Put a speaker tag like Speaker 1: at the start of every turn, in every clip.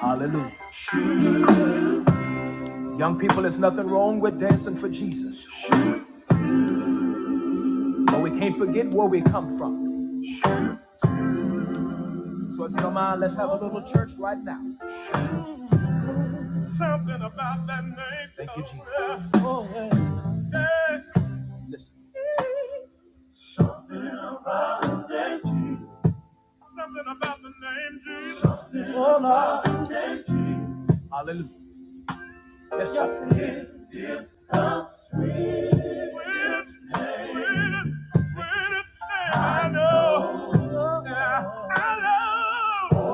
Speaker 1: Hallelujah. Young people, there's nothing wrong with dancing for Jesus, but we can't forget where we come from. So if you don't mind, let's have a little church right now. Something about that name. Thank you, Jesus. Yeah. Listen. Something about the name Jesus. Hallelujah. Yes, sir. Yes, it is the sweetest, sweetest, sweetest sweetest name I know. Yeah, I know.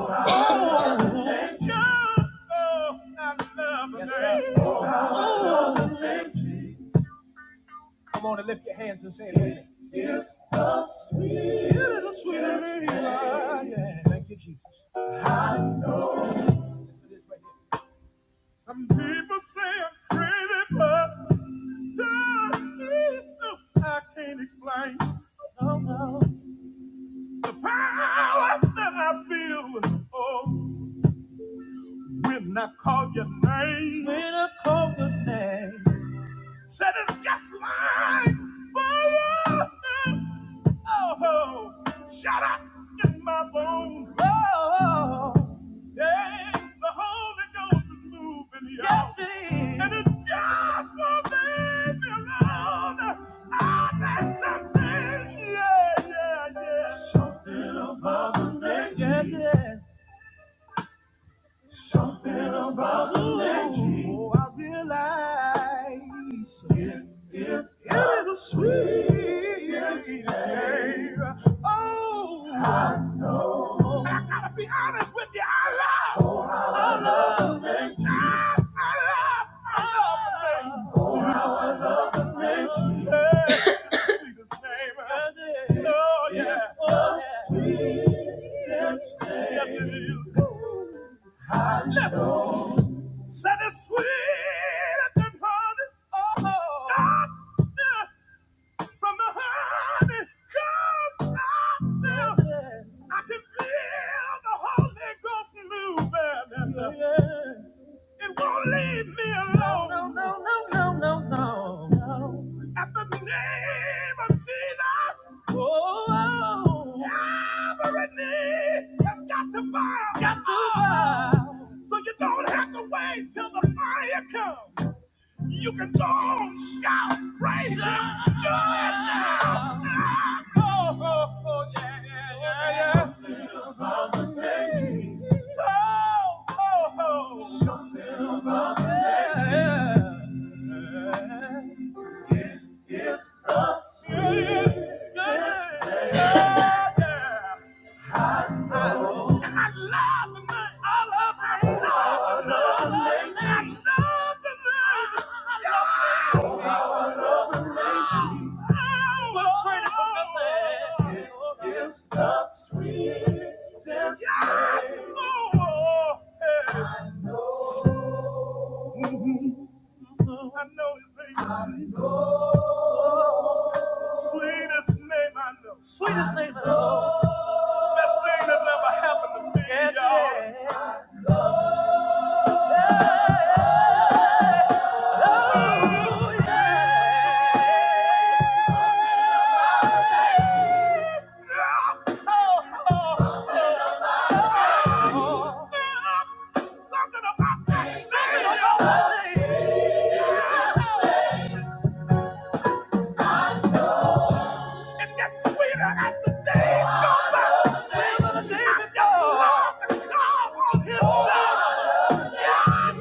Speaker 1: Come on and lift your hands and say it with me. It's the sweetest little sweet relief. Yeah. Thank you, Jesus. I know. Yes, it is right here. Some people say I'm crazy, but no, I can't explain. No, no. The power that I feel. Oh. When I call your name, when I call your name, said it's just like fire. Oh, shut up in my bones. Oh, yeah, the Holy Ghost is moving, y'all. Yes, it is. And it just won't leave me alone. Ah, there's something, yeah, yeah, yeah. Something about the legend. It is a sweet name. Oh, I gotta be honest with you. I love, I love the name. I, I love, I love the name. Oh, how I love the name. Yeah, it's the sweetest name. Oh, yeah. Oh, sweet name. Yes, it is. I Listen, said it's sweet at the party. Oh, oh. From the honey comes my milk. I can feel the Holy Ghost moving. Yeah. It won't leave me alone. No, no, no, no, no, no. no. At the name of Jesus, oh, every knee has got to bow. Got to bow. So you don't have to wait till the fire comes. You can go on, shout, praise Him, do it now. Ah, Oh, oh, oh, yeah, yeah, yeah, yeah. Oh, oh, oh, yeah, yeah, yeah, yeah. And I love the name. I love the name. I love the name. I love the name. Oh, We're training for nothing. Yes, yes, yes. Yeah. Oh, oh, oh, yeah. Oh, I know his name is sweet. sweetest name I know. Sweetest name I know. Best thing that's ever happened to me, yes, y'all. Yeah. Oh, yeah. Yeah. Oh, oh, oh. Yeah. Something about that name. Something about that name. It gets sweeter as the days go by. Sweeter the days go by. I just love to call on his name. Yeah.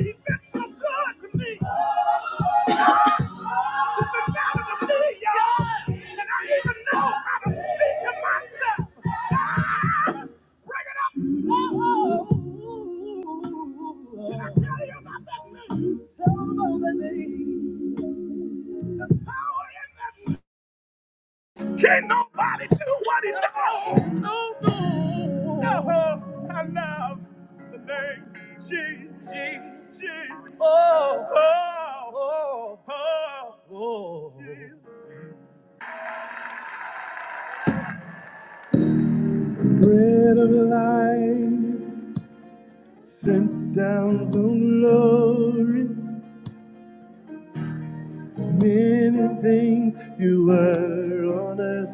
Speaker 1: He's been so good to me. Can't nobody do what he does. No, no. Oh, I love the name Jesus. Jesus. Oh, oh, oh, oh. Bread of life sent down from glory. Many things you were on earth,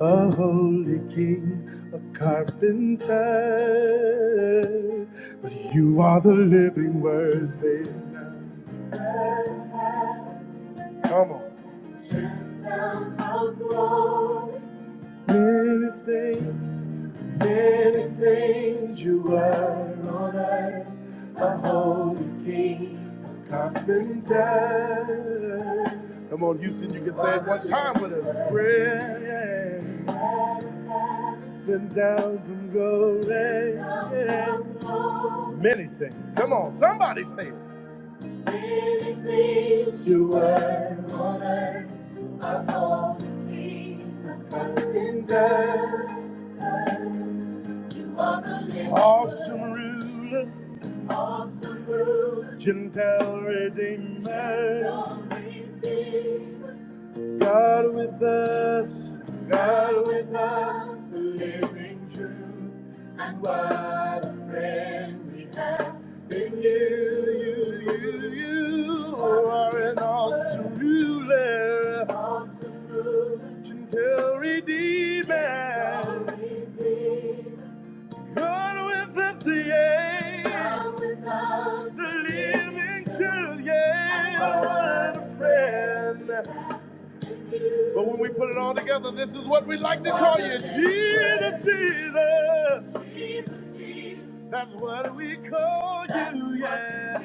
Speaker 1: a holy king, a carpenter. But you are the living word. Say, come on. Many things, many things you were on earth, a holy king, a carpenter. Come on, Houston, you can say it one time with us. Bread yeah. sent down from golden. yeah. Many things. Come on, somebody say it. You awesome ruler, Gentile redeemer, God with us, God with us, the living truth and what a friend. And You, you, you, you are an awesome ruler, gentle redeemer, God with us, yeah, the living truth, yeah, what a friend. But when we put it all together, this is what we like to call you, Jesus, Jesus. That's what we call you, yeah.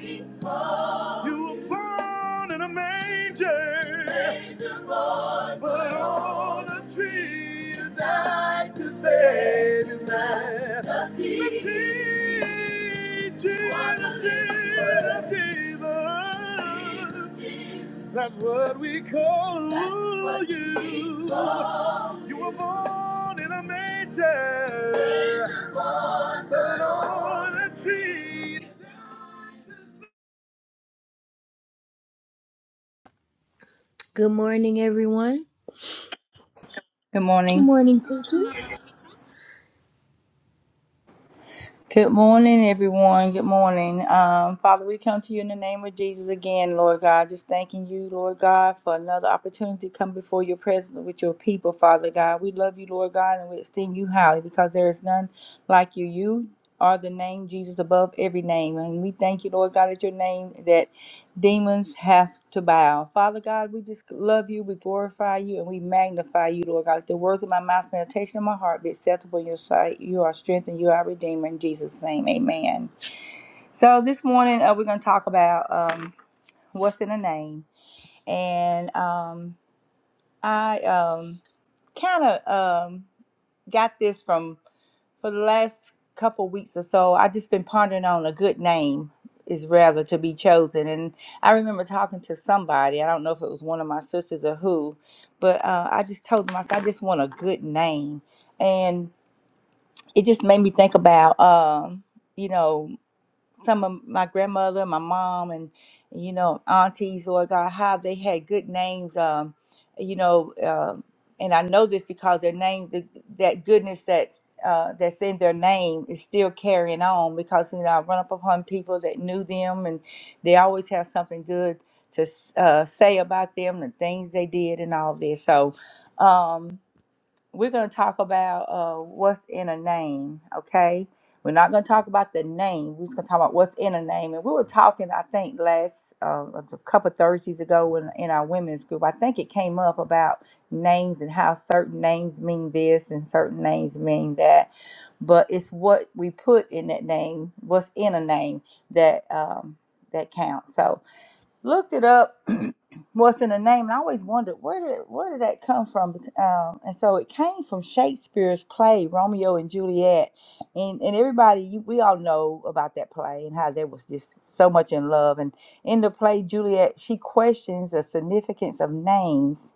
Speaker 1: You were born in a manger, but on a tree you died to save his life. The teaching of Jesus. That's what we call you. You were born in a manger, on a tree. Good morning, everyone.
Speaker 2: Good
Speaker 1: Good
Speaker 2: morning.
Speaker 1: morning, teacher.
Speaker 2: Good morning, everyone. Good morning. Um, Father, we come to you in the name of Jesus again, Lord God. Just thanking you, Lord God, for another opportunity to come before your presence with your people, Father God. We love you, Lord God, and we esteem you highly because there is none like you. You are the name Jesus above every name. And we thank you, Lord God, at your name that. demons have to bow. Father God, we just love you, we glorify you, and we magnify you, Lord God. Let the words of my mouth, meditation of my heart be acceptable in your sight. You are strength and you are redeemer. In Jesus' name, amen. So this morning, uh, we're going to talk about um, what's in a name. And um, I um, kind of um, got this from for the last couple weeks or so, I just been pondering on a good name is rather to be chosen. And I remember talking to somebody, I don't know if it was one of my sisters or who, but uh, I just told them I said I just want a good name, and it just made me think about um, you know some of my grandmother, my mom, and you know aunties, Lord God, how they had good names. Um, you know, um, and I know this because their name, the, that goodness that uh, that's in their name is still carrying on. Because you know, I run up upon people that knew them, and they always have something good to s- uh, say about them, the things they did, and all this. So. Um, we're going to talk about uh, what's in a name, okay? We're not going to talk about the name. We're just going to talk about what's in a name. And we were talking, I think, last uh, a couple of Thursdays ago in, in our women's group. I think it came up about names and how certain names mean this and certain names mean that. But it's what we put in that name, what's in a name, that um, that counts. So looked it up what's in the name and i always wondered where did where did that come from um, and so it came from shakespeare's play romeo and juliet and and everybody you, we all know about that play and how there was just so much in love and in the play juliet she questions the significance of names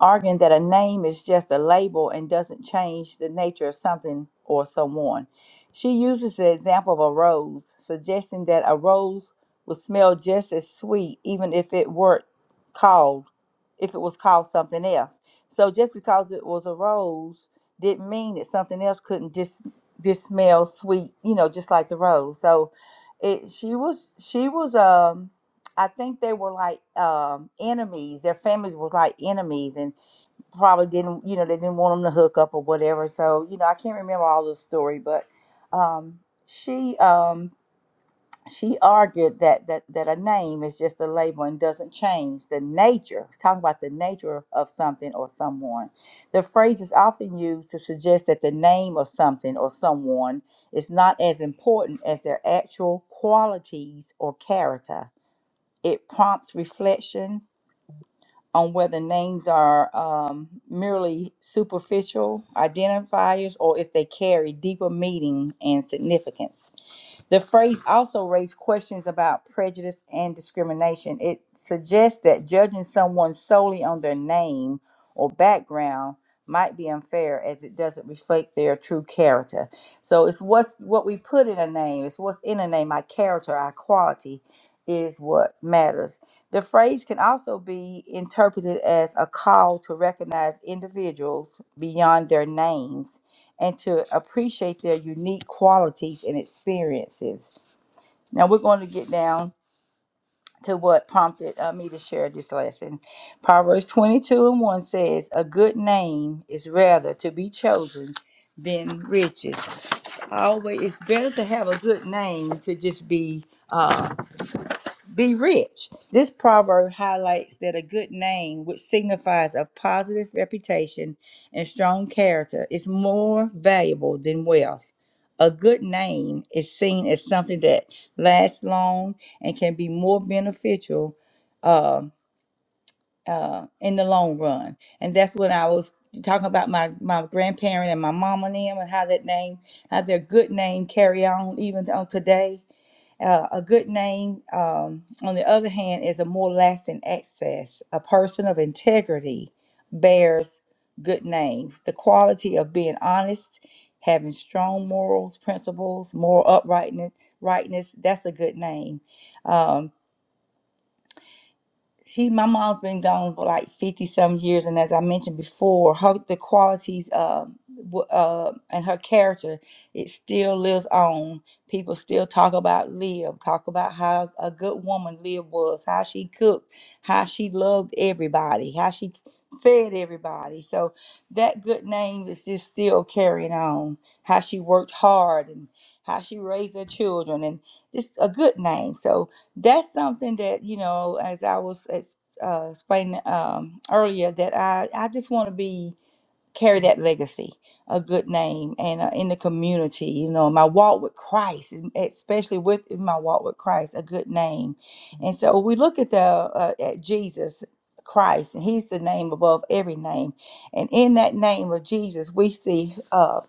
Speaker 2: arguing that a name is just a label and doesn't change the nature of something or someone. She uses the example of a rose, suggesting that a rose would smell just as sweet even if it were called if it was called something else. So just because it was a rose didn't mean that something else couldn't just just smell sweet, you know, just like the rose. So it she was she was um I think they were like um enemies. Their families was like enemies and probably didn't you know they didn't want him to hook up or whatever so you know i can't remember all the story but um she um she argued that that that a name is just a label and doesn't change the nature it's talking about the nature of something or someone the phrase is often used to suggest that the name of something or someone is not as important as their actual qualities or character it prompts reflection on whether names are um, merely superficial identifiers or if they carry deeper meaning and significance. The phrase also raised questions about prejudice and discrimination. It suggests that judging someone solely on their name or background might be unfair as it doesn't reflect their true character. So it's what's what we put in a name, it's what's in a name, our character, our quality is what matters. The phrase can also be interpreted as a call to recognize individuals beyond their names and to appreciate their unique qualities and experiences. Now we're going to get down to what prompted uh, me to share this lesson. Proverbs 22 and 1 says, A good name is rather to be chosen than riches. Always, it's better to have a good name to just be. uh, be rich. This proverb highlights that a good name, which signifies a positive reputation and strong character, is more valuable than wealth. A good name is seen as something that lasts long and can be more beneficial uh, uh, in the long run. And that's when I was talking about my, my grandparent and my mom and them and how that name, how their good name carry on even on today uh, a good name, um, on the other hand, is a more lasting access. A person of integrity bears good names. The quality of being honest, having strong morals, principles, moral uprightness, rightness, that's a good name. Um, she my mom's been gone for like 50 some years and as i mentioned before her the qualities uh, w- uh and her character it still lives on people still talk about liv talk about how a good woman liv was how she cooked how she loved everybody how she fed everybody so that good name is just still carrying on how she worked hard and how she raised her children and just a good name so that's something that you know as i was ex- uh, explaining um, earlier that i i just want to be carry that legacy, a good name, and uh, in the community, you know, my walk with Christ, and especially with in my walk with Christ, a good name. And so we look at the uh, at Jesus Christ, and He's the name above every name. And in that name of Jesus, we see uh,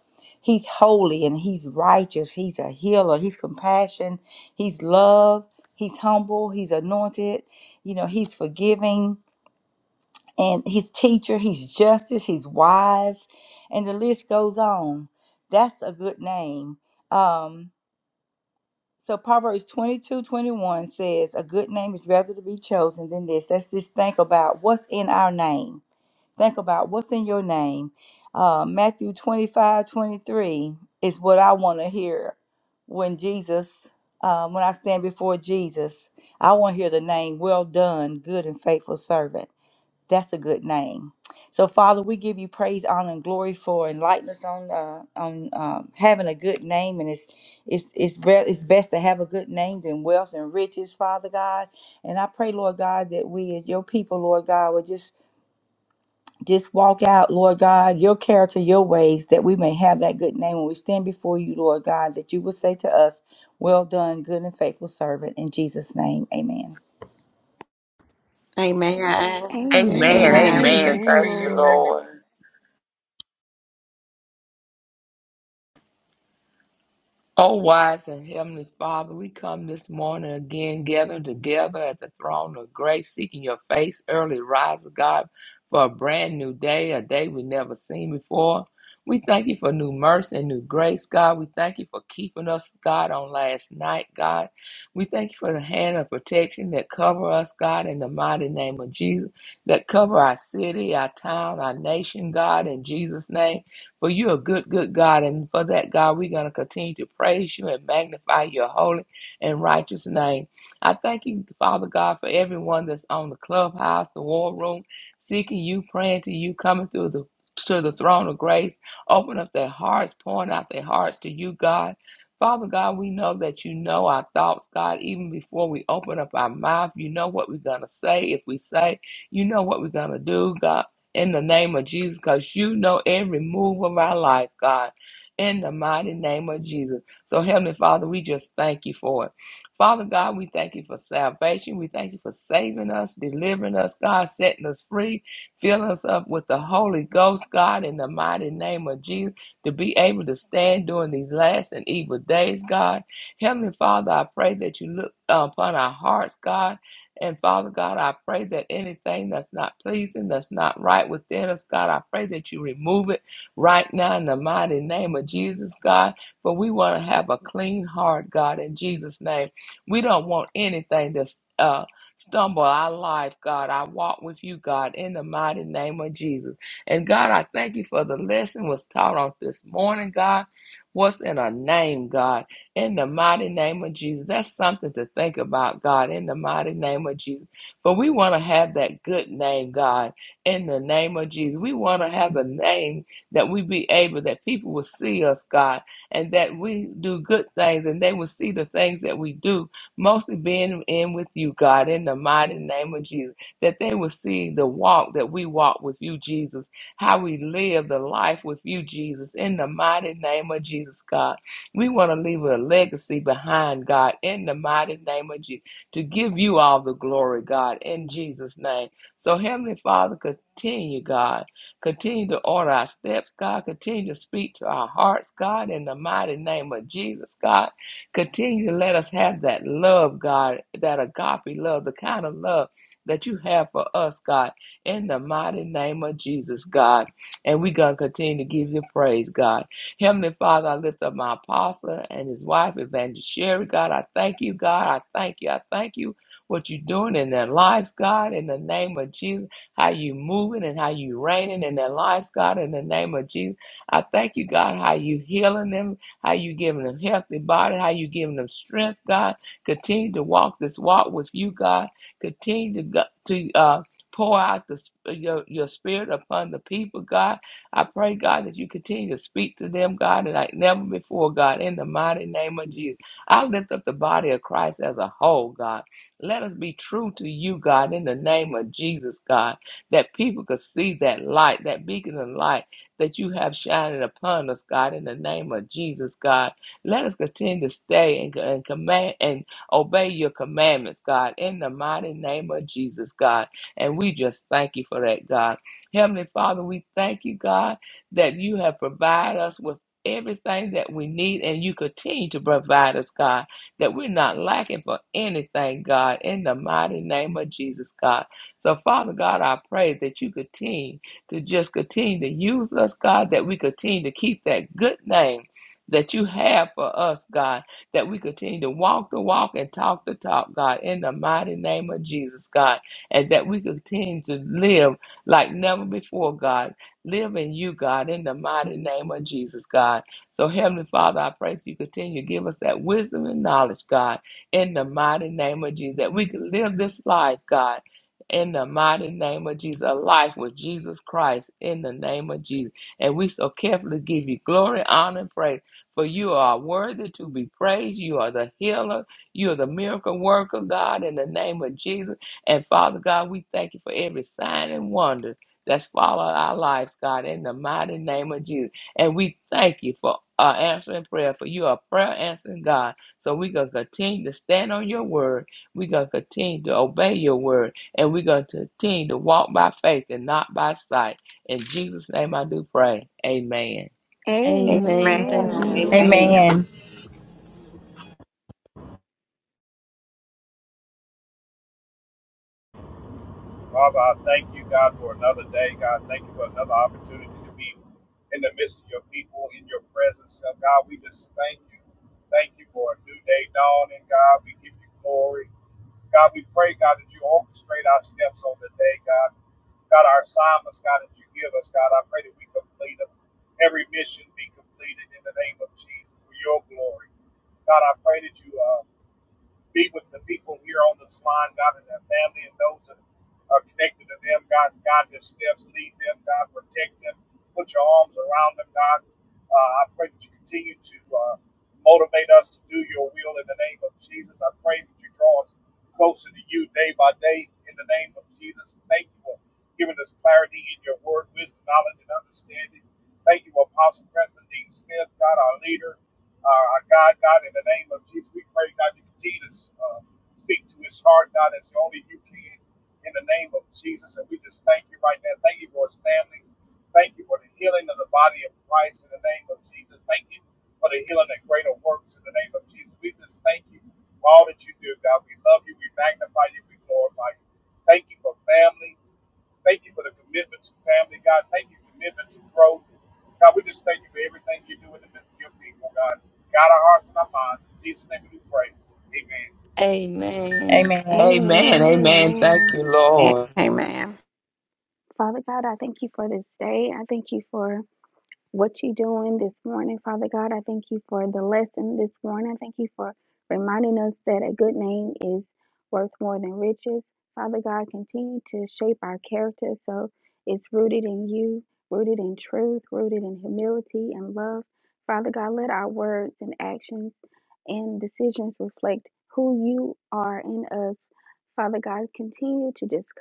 Speaker 2: He's holy and He's righteous. He's a healer. He's compassion. He's love. He's humble. He's anointed. You know, He's forgiving and he's teacher, he's justice, he's wise, and the list goes on. That's a good name. Um, so Proverbs 22 21 says, A good name is rather to be chosen than this. Let's just think about what's in our name. Think about what's in your name. Uh, Matthew 25 23 is what I want to hear when Jesus, uh, when I stand before Jesus. I want to hear the name, Well done, good and faithful servant that's a good name. So, Father, we give you praise, honor, and glory for enlightening us on uh, on um, having a good name, and it's it's it's re- it's best to have a good name than wealth and riches, Father God. And I pray, Lord God, that we as your people, Lord God, will just just walk out, Lord God, your character, your ways, that we may have that good name when we stand before you, Lord God. That you will say to us, "Well done, good and faithful servant." In Jesus' name, Amen.
Speaker 3: Amen.
Speaker 4: Amen.
Speaker 5: Amen.
Speaker 3: Amen.
Speaker 6: Amen.
Speaker 5: Amen.
Speaker 6: Thank you,
Speaker 5: Thank you,
Speaker 4: Amen.
Speaker 6: Lord.
Speaker 5: Lord. Oh, wise and heavenly Father, we come this morning again, gathered together at the throne of grace, seeking your face early, rise of God, for a brand new day, a day we never seen before. We thank you for new mercy and new grace, God. We thank you for keeping us, God, on last night, God. We thank you for the hand of protection that cover us, God, in the mighty name of Jesus, that cover our city, our town, our nation, God, in Jesus' name. For you're a good, good God. And for that, God, we're going to continue to praise you and magnify your holy and righteous name. I thank you, Father God, for everyone that's on the clubhouse, the war room, seeking you, praying to you, coming through the to the throne of grace, open up their hearts, pouring out their hearts to you, God. Father God, we know that you know our thoughts, God, even before we open up our mouth. You know what we're going to say if we say. You know what we're going to do, God in the name of Jesus because you know every move of our life, God, in the mighty name of Jesus. So, Heavenly Father, we just thank you for it. Father God, we thank you for salvation. We thank you for saving us, delivering us, God, setting us free, filling us up with the Holy Ghost, God, in the mighty name of Jesus, to be able to stand during these last and evil days, God. Heavenly Father, I pray that you look upon our hearts, God and Father God, I pray that anything that's not pleasing, that's not right within us, God, I pray that you remove it right now in the mighty name of Jesus, God. For we want to have a clean heart, God, in Jesus' name. We don't want anything that's uh stumble our life, God. I walk with you, God, in the mighty name of Jesus. And God, I thank you for the lesson was taught on this morning, God. What's in a name, God? in the mighty name of Jesus. That's something to think about, God, in the mighty name of Jesus. For we want to have that good name, God, in the name of Jesus. We want to have a name that we be able, that people will see us, God, and that we do good things and they will see the things that we do, mostly being in with you, God, in the mighty name of Jesus. That they will see the walk that we walk with you, Jesus, how we live the life with you, Jesus, in the mighty name of Jesus, God. We want to leave a legacy behind, God, in the mighty name of Jesus, to give you all the glory, God, in Jesus' name. So, Heavenly Father, continue, God. Continue to order our steps, God. Continue to speak to our hearts, God, in the mighty name of Jesus, God. Continue to let us have that love, God, that agape love, the kind of love that you have for us, God, in the mighty name of Jesus, God. And we're going to continue to give you praise, God. Heavenly Father, I lift up my apostle and his wife, Evangelist Sherry. God, I thank you, God. I thank you. I thank you what you're doing in their lives, God, in the name of Jesus, how you moving and how you reigning in their lives, God, in the name of Jesus. I thank you, God, how you healing them, how you giving them healthy body, how you giving them strength, God. Continue to walk this walk with you, God. Continue to, go- to uh, pour out the, sp- your, your spirit upon the people, God I pray, God, that you continue to speak to them, God, and like never before, God, in the mighty name of Jesus. I lift up the body of Christ as a whole, God. Let us be true to you, God, in the name of Jesus, God, that people could see that light, that beacon of light that you have shining upon us, God, in the name of Jesus, God. Let us continue to stay and, and command and obey your commandments, God, in the mighty name of Jesus, God. And we just thank you for that, God. Heavenly Father, we thank you, God, that you have provided us with everything that we need and you continue to provide us, God, that we're not lacking for anything, God, in the mighty name of Jesus, God. So, Father God, I pray that you continue to just continue to use us, God, that we continue to keep that good name. That you have for us, God, that we continue to walk the walk and talk the talk, God, in the mighty name of Jesus, God, and that we continue to live like never before, God. Live in you, God, in the mighty name of Jesus, God. So, Heavenly Father, I pray that you continue to give us that wisdom and knowledge, God, in the mighty name of Jesus, that we can live this life, God. In the mighty name of Jesus, a life with Jesus Christ in the name of Jesus. And we so carefully give you glory, honor, and praise. For you are worthy to be praised. You are the healer. You are the miracle worker, God, in the name of Jesus. And Father God, we thank you for every sign and wonder that's followed our lives, God, in the mighty name of Jesus. And we thank you for uh, answering prayer, for you are a prayer answering God. So we're going to continue to stand on your word. We're going to continue to obey your word. And we're going to continue to walk by faith and not by sight. In Jesus' name I do pray. Amen.
Speaker 3: Amen.
Speaker 6: Amen. Thank you,
Speaker 4: Amen.
Speaker 3: Amen.
Speaker 6: Lord.
Speaker 2: Amen.
Speaker 7: Father, I thank you, God, for another day. God, thank you for another opportunity to be in the midst of your people, in your presence. So, God, we just thank you. Thank you for a new day dawning, God. We give you glory. God, we pray, God, that you orchestrate our steps on the day, God. God, our assignments, God, that you give us, God, I pray that we complete them. Every mission be completed in the name of Jesus for your glory. God, I pray that you uh, be with the people here on this line, God, and their family and those that are connected to them, God. God, their steps, lead them, God, protect them. Put your arms around them, God. Uh, I pray that you continue to uh, motivate us to do your will in the name of Jesus. I pray that you draw us closer to you day by day in the name of Jesus. Thank you for giving us clarity in your word, wisdom, knowledge, and understanding. Thank you, Apostle Preston Dean Smith, God, our leader. Uh, our God, God, in the name of Jesus, we pray, God, you continue to uh, speak to his heart, God, as only you can, in the name of Jesus. And we just thank you right now. Thank you for his family. Thank you for the healing of the body of Christ in the name of Jesus. Thank you for the healing and greater works in the name of Jesus. We just thank you for all that you do, God. We love you. We magnify you. We glorify you. Thank you for family. Thank you for the commitment to family, God. Thank you for the commitment to growth. God, we just thank you for everything you do in the midst of your people, God. God, our hearts and our minds. In Jesus' name we do pray. Amen.
Speaker 6: Amen.
Speaker 4: Amen.
Speaker 2: Amen.
Speaker 5: Amen.
Speaker 4: Amen.
Speaker 5: Amen. Thank
Speaker 4: Amen.
Speaker 5: you, Lord.
Speaker 3: Amen.
Speaker 4: Father God, I thank you for this day. I thank you for what you're doing this morning. Father God, I thank you for the lesson this morning. I thank you for reminding us that a good name is worth more than riches. Father God, continue to shape our character so it's rooted in you, rooted in truth, rooted in humility and love. Father God, let our words and actions and decisions reflect who you are in us. Father God, continue to discover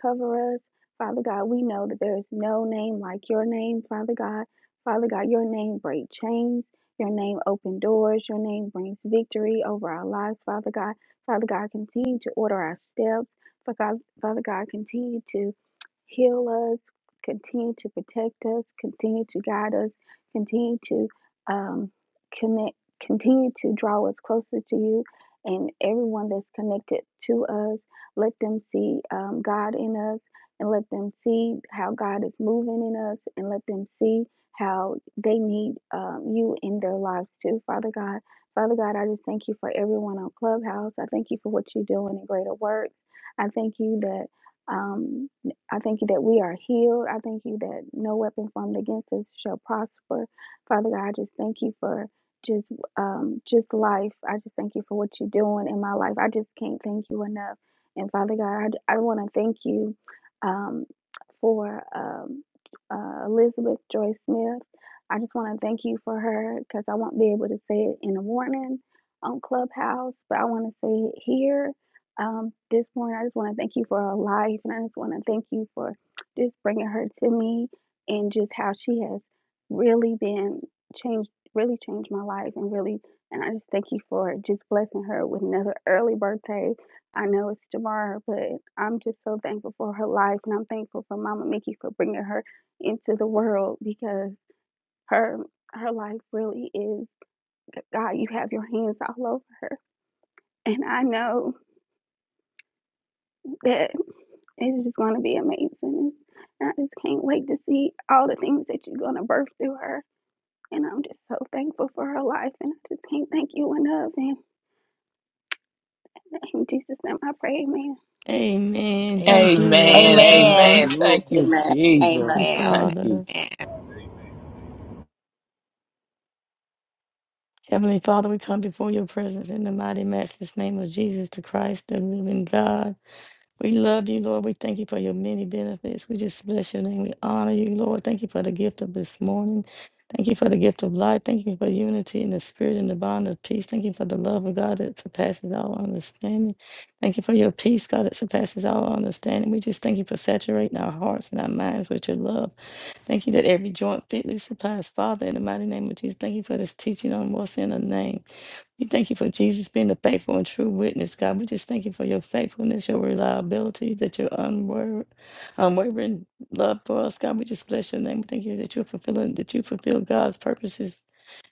Speaker 4: us. Father God, we know that there is no name like your name, Father God. Father God, your name breaks chains. Your name opens doors. Your name brings victory over our lives, Father God. Father God, continue to order our steps. Father God, Father God continue to heal us, continue to protect us, continue to guide us, continue to um, connect continue to draw us closer to you and everyone that's connected to us. Let them see um, God in us and let them see how God is moving in us and let them see how they need um, you in their lives too, Father God. Father God, I just thank you for everyone on Clubhouse. I thank you for what you're doing in greater works. I thank you that. Um, I thank you that we are healed. I thank you that no weapon formed against us shall prosper. Father God, I just thank you for just um, just life. I just thank you for what you're doing in my life. I just can't thank you enough. And Father God, I, I want to thank you um, for um, uh, Elizabeth Joy Smith. I just want to thank you for her because I won't be able to say it in the morning on Clubhouse, but I want to say it here um, this morning. I just want to thank you for her life, and I just want to thank you for just bringing her to me and just how she has really been changed really changed my life and really and I just thank you for just blessing her with another early birthday. I know it's tomorrow, but I'm just so thankful for her life and I'm thankful for Mama Mickey for bringing her into the world because her her life really is God, you have your hands all over her. And I know that it's just going to be amazing. And I just can't wait to see all the things that you're going to birth through her. And I'm just so thankful for her life. And I just can't thank you enough. And In Jesus' name I pray, amen.
Speaker 6: Amen. Thank you,
Speaker 5: Amen.
Speaker 6: Lord
Speaker 2: Amen.
Speaker 5: Amen.
Speaker 6: God.
Speaker 5: Thank you,
Speaker 3: Amen.
Speaker 6: Thank you,
Speaker 5: Jesus.
Speaker 3: Amen.
Speaker 5: Thank you,
Speaker 6: Father. Heavenly Father, we come before your presence in the mighty matchless name of Jesus the Christ, the living God. We love you, Lord. We thank you for your many benefits. We just bless your name. We honor you, Lord. Thank you for the gift of this morning. Thank you for the gift of life. Thank you for unity in the spirit and the bond of peace. Thank you for the love of God that surpasses all understanding. Thank you for your peace, God, that surpasses all understanding. We just thank you for saturating our hearts and our minds with your love. Thank you that every joint fitly supplies, Father, in the mighty name of Jesus. Thank you for this teaching on what's in a name. We thank you for Jesus being a faithful and true witness, God. We just thank you for your faithfulness, your reliability, that your unwavering, unwavering love for us, God. We just bless your name. We thank you that you're fulfilling, that you fulfill God's purposes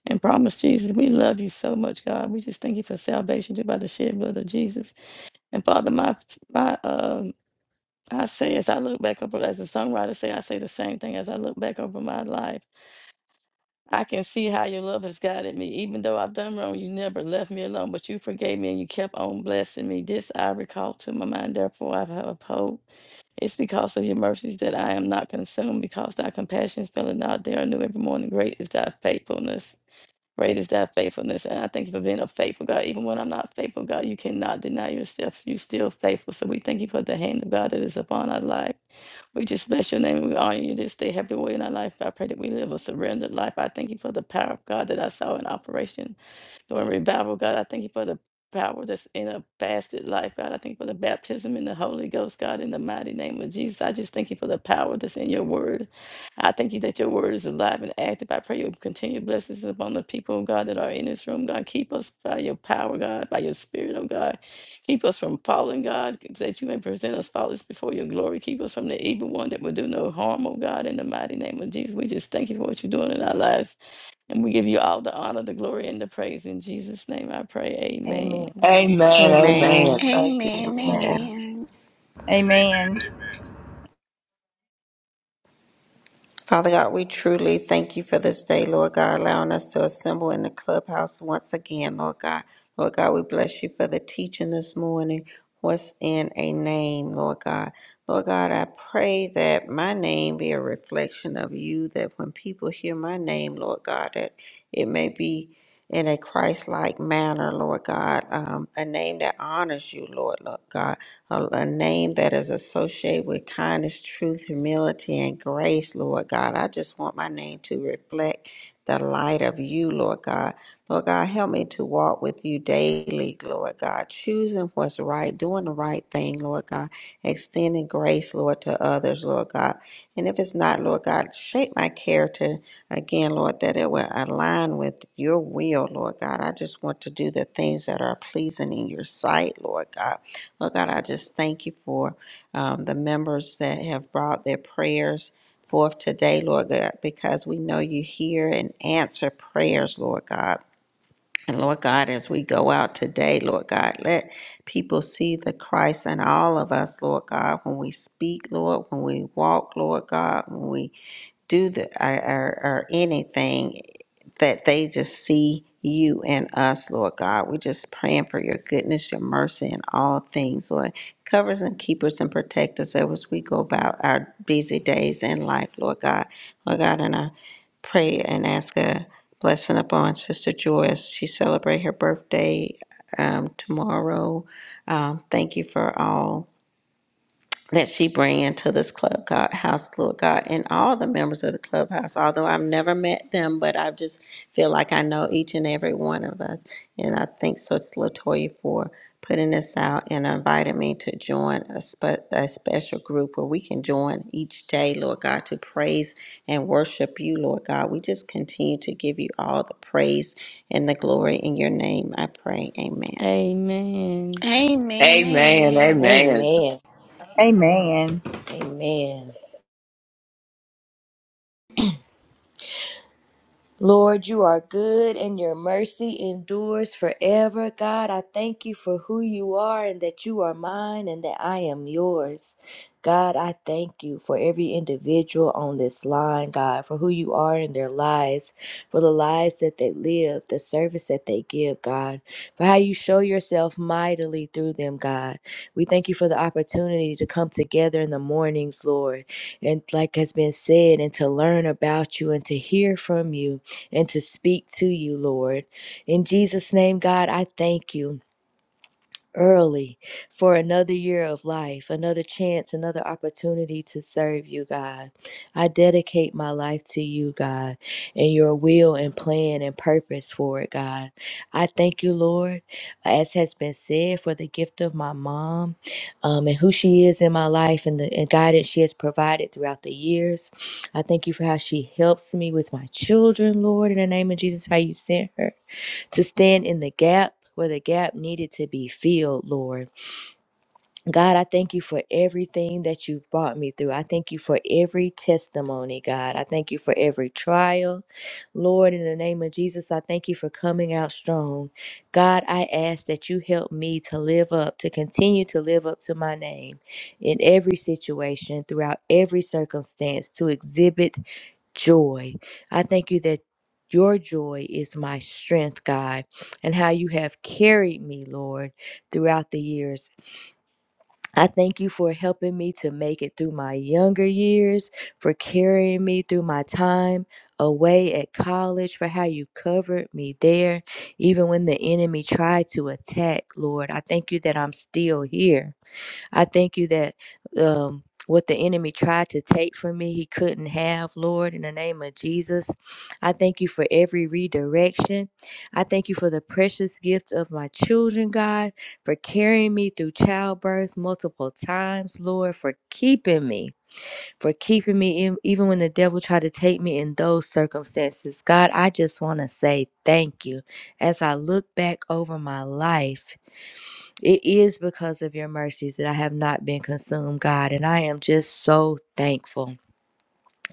Speaker 6: and promise, Jesus. We love you so much, God. We just thank you for salvation through by the shed blood of Jesus. And Father, my my um I say as I look back over as a songwriter say, I say the same thing as I look back over my life. I can see how your love has guided me. Even though I've done wrong, you never left me alone, but you forgave me and you kept on blessing me. This I recall to my mind, therefore I have a hope. It's because of your mercies that I am not consumed, because thy compassions fail not. They are new every morning. Great is thy faithfulness. Great is that faithfulness. And I thank you for being a faithful God. Even when I'm not faithful, God, you cannot deny yourself. You're still faithful. So we thank you for the hand of God that is upon our life. We just bless your name and we honor you this day. Happy way in our life. I pray that we live a surrendered life. I thank you for the power of God that I saw in operation Lord, revival, God. I thank you for the power that's in a fasted life, God. I thank you for the baptism in the Holy Ghost, God, in the mighty name of Jesus. I just thank you for the power that's in your word. I thank you that your word is alive and active. I pray your continued blessings upon the people, of God, that are in this room, God. Keep us by your power, God, by your spirit, oh God. Keep us from falling, God, that you may present us faultless before your glory. Keep us from the evil one that will do no harm, oh God, in the mighty name of Jesus. We just thank you for what you're doing in our lives. And we give you all the honor, the glory, and the praise. In Jesus' name I pray. Amen.
Speaker 5: Amen, amen.
Speaker 3: Amen.
Speaker 5: Thank you.
Speaker 4: Amen,
Speaker 3: Amen.
Speaker 4: amen,
Speaker 7: Amen.
Speaker 2: Amen.
Speaker 7: Amen.
Speaker 3: Father God, we truly thank you for this day, Lord God, allowing us to assemble in the clubhouse once again, Lord God. Lord God, we bless you for the teaching this morning. What's in a name, Lord God? Lord God, I pray that my name be a reflection of you, that when people hear my name, Lord God, that it may be. in a Christ-like manner, Lord God, um, a name that honors you, Lord, Lord God, a, a name that is associated with kindness, truth, humility, and grace, Lord God. I just want my name to reflect the light of you, Lord God. Lord God, help me to walk with you daily, Lord God choosing what's right, doing the right thing, Lord God, extending grace, Lord, to others, Lord God. And if it's not, Lord God, shape my character again, Lord, that it will align with your will, Lord God. I just want to do the things that are pleasing in your sight, Lord God. Lord God, I just thank you for um, the members that have brought their prayers forth today, Lord God, because we know you hear and answer prayers, Lord God. And Lord God, as we go out today, Lord God, let people see the Christ in all of us, Lord God, when we speak, Lord, when we walk, Lord God, when we do the or, or, or anything that they just see you and us, Lord God. We're just praying for your goodness, your mercy in all things, Lord. Covers and keepers and protect us as we go about our busy days in life, Lord God. Lord God, and I pray and ask a blessing upon Sister Joy as she celebrate her birthday um, tomorrow. Um, thank you for all that she bring into this club God house, Lord God, and all the members of the clubhouse. Although I've never met them, but I just feel like I know each and every one of us. And I thank Sister Latoya for putting this out and inviting me to join a, spe- a special group where we can join each day, Lord God, to praise and worship you, Lord God. We just continue to give you all the praise and the glory in your name. I pray. Amen.
Speaker 6: Amen.
Speaker 4: amen,
Speaker 5: Amen, amen.
Speaker 1: Amen.
Speaker 2: Amen.
Speaker 1: Amen. Lord, you are good and your mercy endures forever. God, I thank you for who you are and that you are mine and that I am yours. God, I thank you for every individual on this line, God, for who you are in their lives, for the lives that they live, the service that they give, God, for how you show yourself mightily through them, God. We thank you for the opportunity to come together in the mornings, Lord, and like has been said, and to learn about you and to hear from you and to speak to you, Lord. In Jesus' name, God, I thank you early for another year of life, another chance, another opportunity to serve you, God. I dedicate my life to you, God, and your will and plan and purpose for it, God. I thank you, Lord, as has been said, for the gift of my mom um, and who she is in my life and the and guidance she has provided throughout the years. I thank you for how she helps me with my children, Lord, in the name of Jesus, how you sent her to stand in the gap where the gap needed to be filled, Lord. God, I thank you for everything that you've brought me through. I thank you for every testimony, God. I thank you for every trial. Lord, in the name of Jesus, I thank you for coming out strong. God, I ask that you help me to live up, to continue to live up to my name in every situation, throughout every circumstance, to exhibit joy. I thank you that your joy is my strength, God, and how you have carried me, Lord, throughout the years. I thank you for helping me to make it through my younger years, for carrying me through my time away at college, for how you covered me there, even when the enemy tried to attack, Lord. I thank you that I'm still here. I thank you that um, what the enemy tried to take from me, he couldn't have, Lord, in the name of Jesus. I thank you for every redirection. I thank you for the precious gifts of my children, God, for carrying me through childbirth multiple times, Lord, for keeping me, for keeping me, in, even when the devil tried to take me in those circumstances. God, I just want to say thank you as I look back over my life. It is because of your mercies that I have not been consumed, God, and I am just so thankful.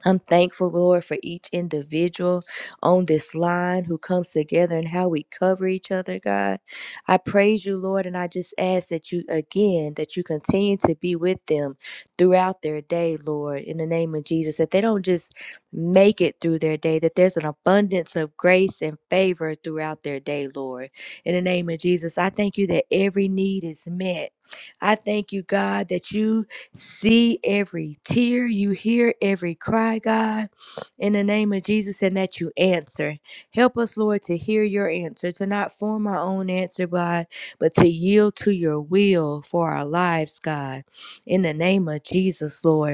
Speaker 1: I'm thankful, Lord, for each individual on this line who comes together and how we cover each other, God. I praise you, Lord, and I just ask that you, again, that you continue to be with them throughout their day, Lord, in the name of Jesus, that they don't just make it through their day, that there's an abundance of grace and favor throughout their day, Lord. In the name of Jesus, I thank you that every need is met. I thank you, God, that you see every tear, you hear every cry, God, in the name of Jesus, and that you answer. Help us, Lord, to hear your answer, to not form our own answer, God, but to yield to your will for our lives, God, in the name of Jesus, Lord.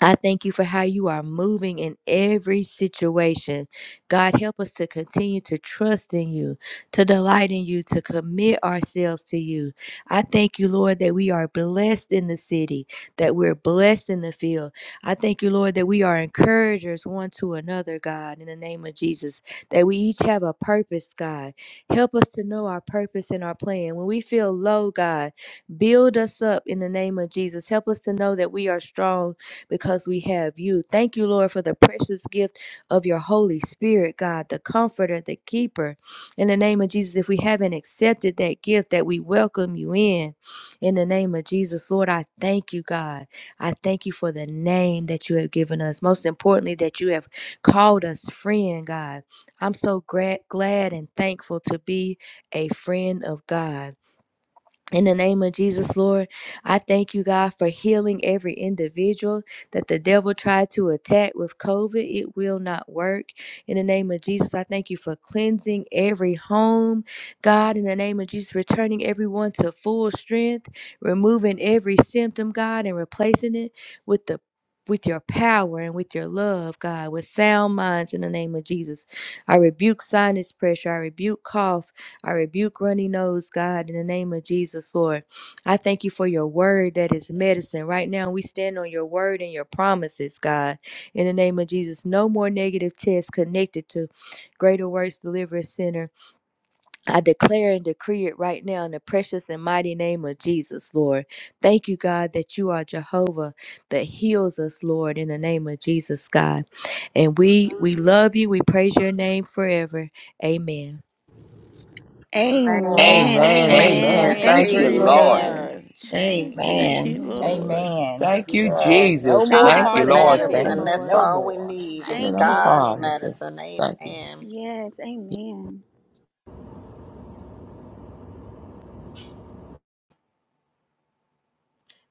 Speaker 1: I thank you for how you are moving in every situation. God, help us to continue to trust in you, to delight in you, to commit ourselves to you. I thank you, Lord, that we are blessed in the city, that we're blessed in the field. I thank you, Lord, that we are encouragers one to another, God, in the name of Jesus, that we each have a purpose, God. Help us to know our purpose and our plan. When we feel low, God, build us up in the name of Jesus. Help us to know that we are strong because we have you. Thank you, Lord, for the precious gift of your Holy Spirit, God, the comforter, the keeper. In the name of Jesus, if we haven't accepted that gift, that we welcome you in. In the name of Jesus, Lord, I thank you, God. I thank you for the name that you have given us. Most importantly, that you have called us friend, God. I'm so gra- glad and thankful to be a friend of God. In the name of Jesus, Lord, I thank you, God, for healing every individual that the devil tried to attack with COVID. It will not work. In the name of Jesus, I thank you for cleansing every home. God, in the name of Jesus, returning everyone to full strength, removing every symptom, God, and replacing it with the with your power and with your love, God, with sound minds in the name of Jesus. I rebuke sinus pressure. I rebuke cough. I rebuke runny nose, God, in the name of Jesus, Lord. I thank you for your word that is medicine. Right now, we stand on your word and your promises, God, in the name of Jesus. No more negative tests connected to Greater Works Deliverance Center. I declare and decree it right now in the precious and mighty name of Jesus, Lord. Thank you, God, that you are Jehovah that heals us, Lord, in the name of Jesus, God. And we we love you. We praise your name forever. Amen.
Speaker 4: amen, amen,
Speaker 3: Amen.
Speaker 5: Amen, amen.
Speaker 4: amen.
Speaker 3: Amen.
Speaker 6: Amen.
Speaker 4: Thank
Speaker 5: Thank
Speaker 4: you,
Speaker 5: you,
Speaker 6: Praise
Speaker 5: Lord.
Speaker 4: Lord.
Speaker 3: Amen.
Speaker 6: God. Change.
Speaker 4: Thank
Speaker 6: Thank
Speaker 4: you,
Speaker 6: you,
Speaker 3: Amen.
Speaker 4: Lord.
Speaker 6: Lord.
Speaker 2: Amen.
Speaker 5: Thank you,
Speaker 3: Yes,
Speaker 2: No
Speaker 5: Jesus.
Speaker 2: more
Speaker 4: Thank you
Speaker 5: Thank you,
Speaker 3: God's
Speaker 4: for the
Speaker 2: positive
Speaker 5: Lord.
Speaker 4: healing,
Speaker 3: medicine.
Speaker 2: tests.
Speaker 5: Standing,
Speaker 3: That's
Speaker 2: No
Speaker 4: Lord.
Speaker 3: all we
Speaker 2: more.
Speaker 3: need is
Speaker 5: standing
Speaker 4: Thank
Speaker 5: on the
Speaker 4: you,
Speaker 3: God's
Speaker 4: Lord.
Speaker 5: promises.
Speaker 3: medicine.
Speaker 5: Thank you.
Speaker 3: Amen.
Speaker 4: Yes, amen.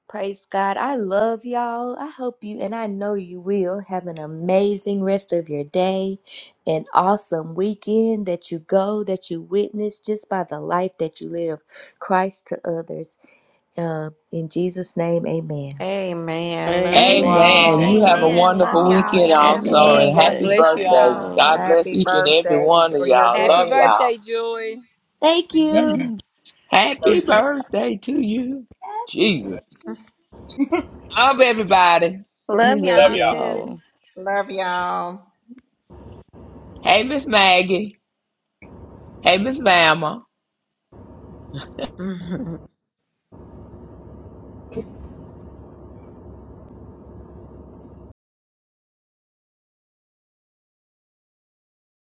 Speaker 1: Praise God. I love y'all. I hope you and I know you will have an amazing rest of your day, an awesome weekend that you go, that you witness just by the life that you live, Christ to others. Uh, in Jesus' name, amen.
Speaker 3: Amen. Love you
Speaker 6: Amen.
Speaker 5: Amen.
Speaker 4: Amen,
Speaker 6: Thank
Speaker 3: all.
Speaker 5: You
Speaker 6: you,
Speaker 5: have a
Speaker 3: Love
Speaker 4: amen.
Speaker 6: Lord.
Speaker 3: you
Speaker 4: Love
Speaker 5: wonderful
Speaker 4: y'all.
Speaker 5: weekend
Speaker 3: all.
Speaker 4: Y'all have
Speaker 6: Happy
Speaker 4: a
Speaker 5: also,
Speaker 3: Amen.
Speaker 2: Amen.
Speaker 5: and
Speaker 4: wonderful
Speaker 2: God
Speaker 5: happy
Speaker 6: birthday.
Speaker 4: weekend
Speaker 2: bless you
Speaker 6: Thank you,
Speaker 5: birthday.
Speaker 2: all.
Speaker 4: also.
Speaker 5: God
Speaker 6: Lord.
Speaker 5: bless
Speaker 3: Happy
Speaker 5: each and every
Speaker 3: birthday.
Speaker 5: one of
Speaker 3: Enjoy your
Speaker 5: y'all.
Speaker 2: Happy
Speaker 5: Love
Speaker 3: day.
Speaker 5: y'all.
Speaker 2: birthday, Joy.
Speaker 1: Thank
Speaker 7: Happy
Speaker 1: you.
Speaker 5: Happy
Speaker 7: birthday.
Speaker 6: we
Speaker 5: birthday to you, Jesus. Love everybody.
Speaker 4: Love
Speaker 6: love
Speaker 7: Love
Speaker 4: y'all
Speaker 6: you
Speaker 7: y'all.
Speaker 6: all.
Speaker 4: too.
Speaker 3: Love y'all.
Speaker 5: Hey, Miss Maggie. Hey, Miss Mama.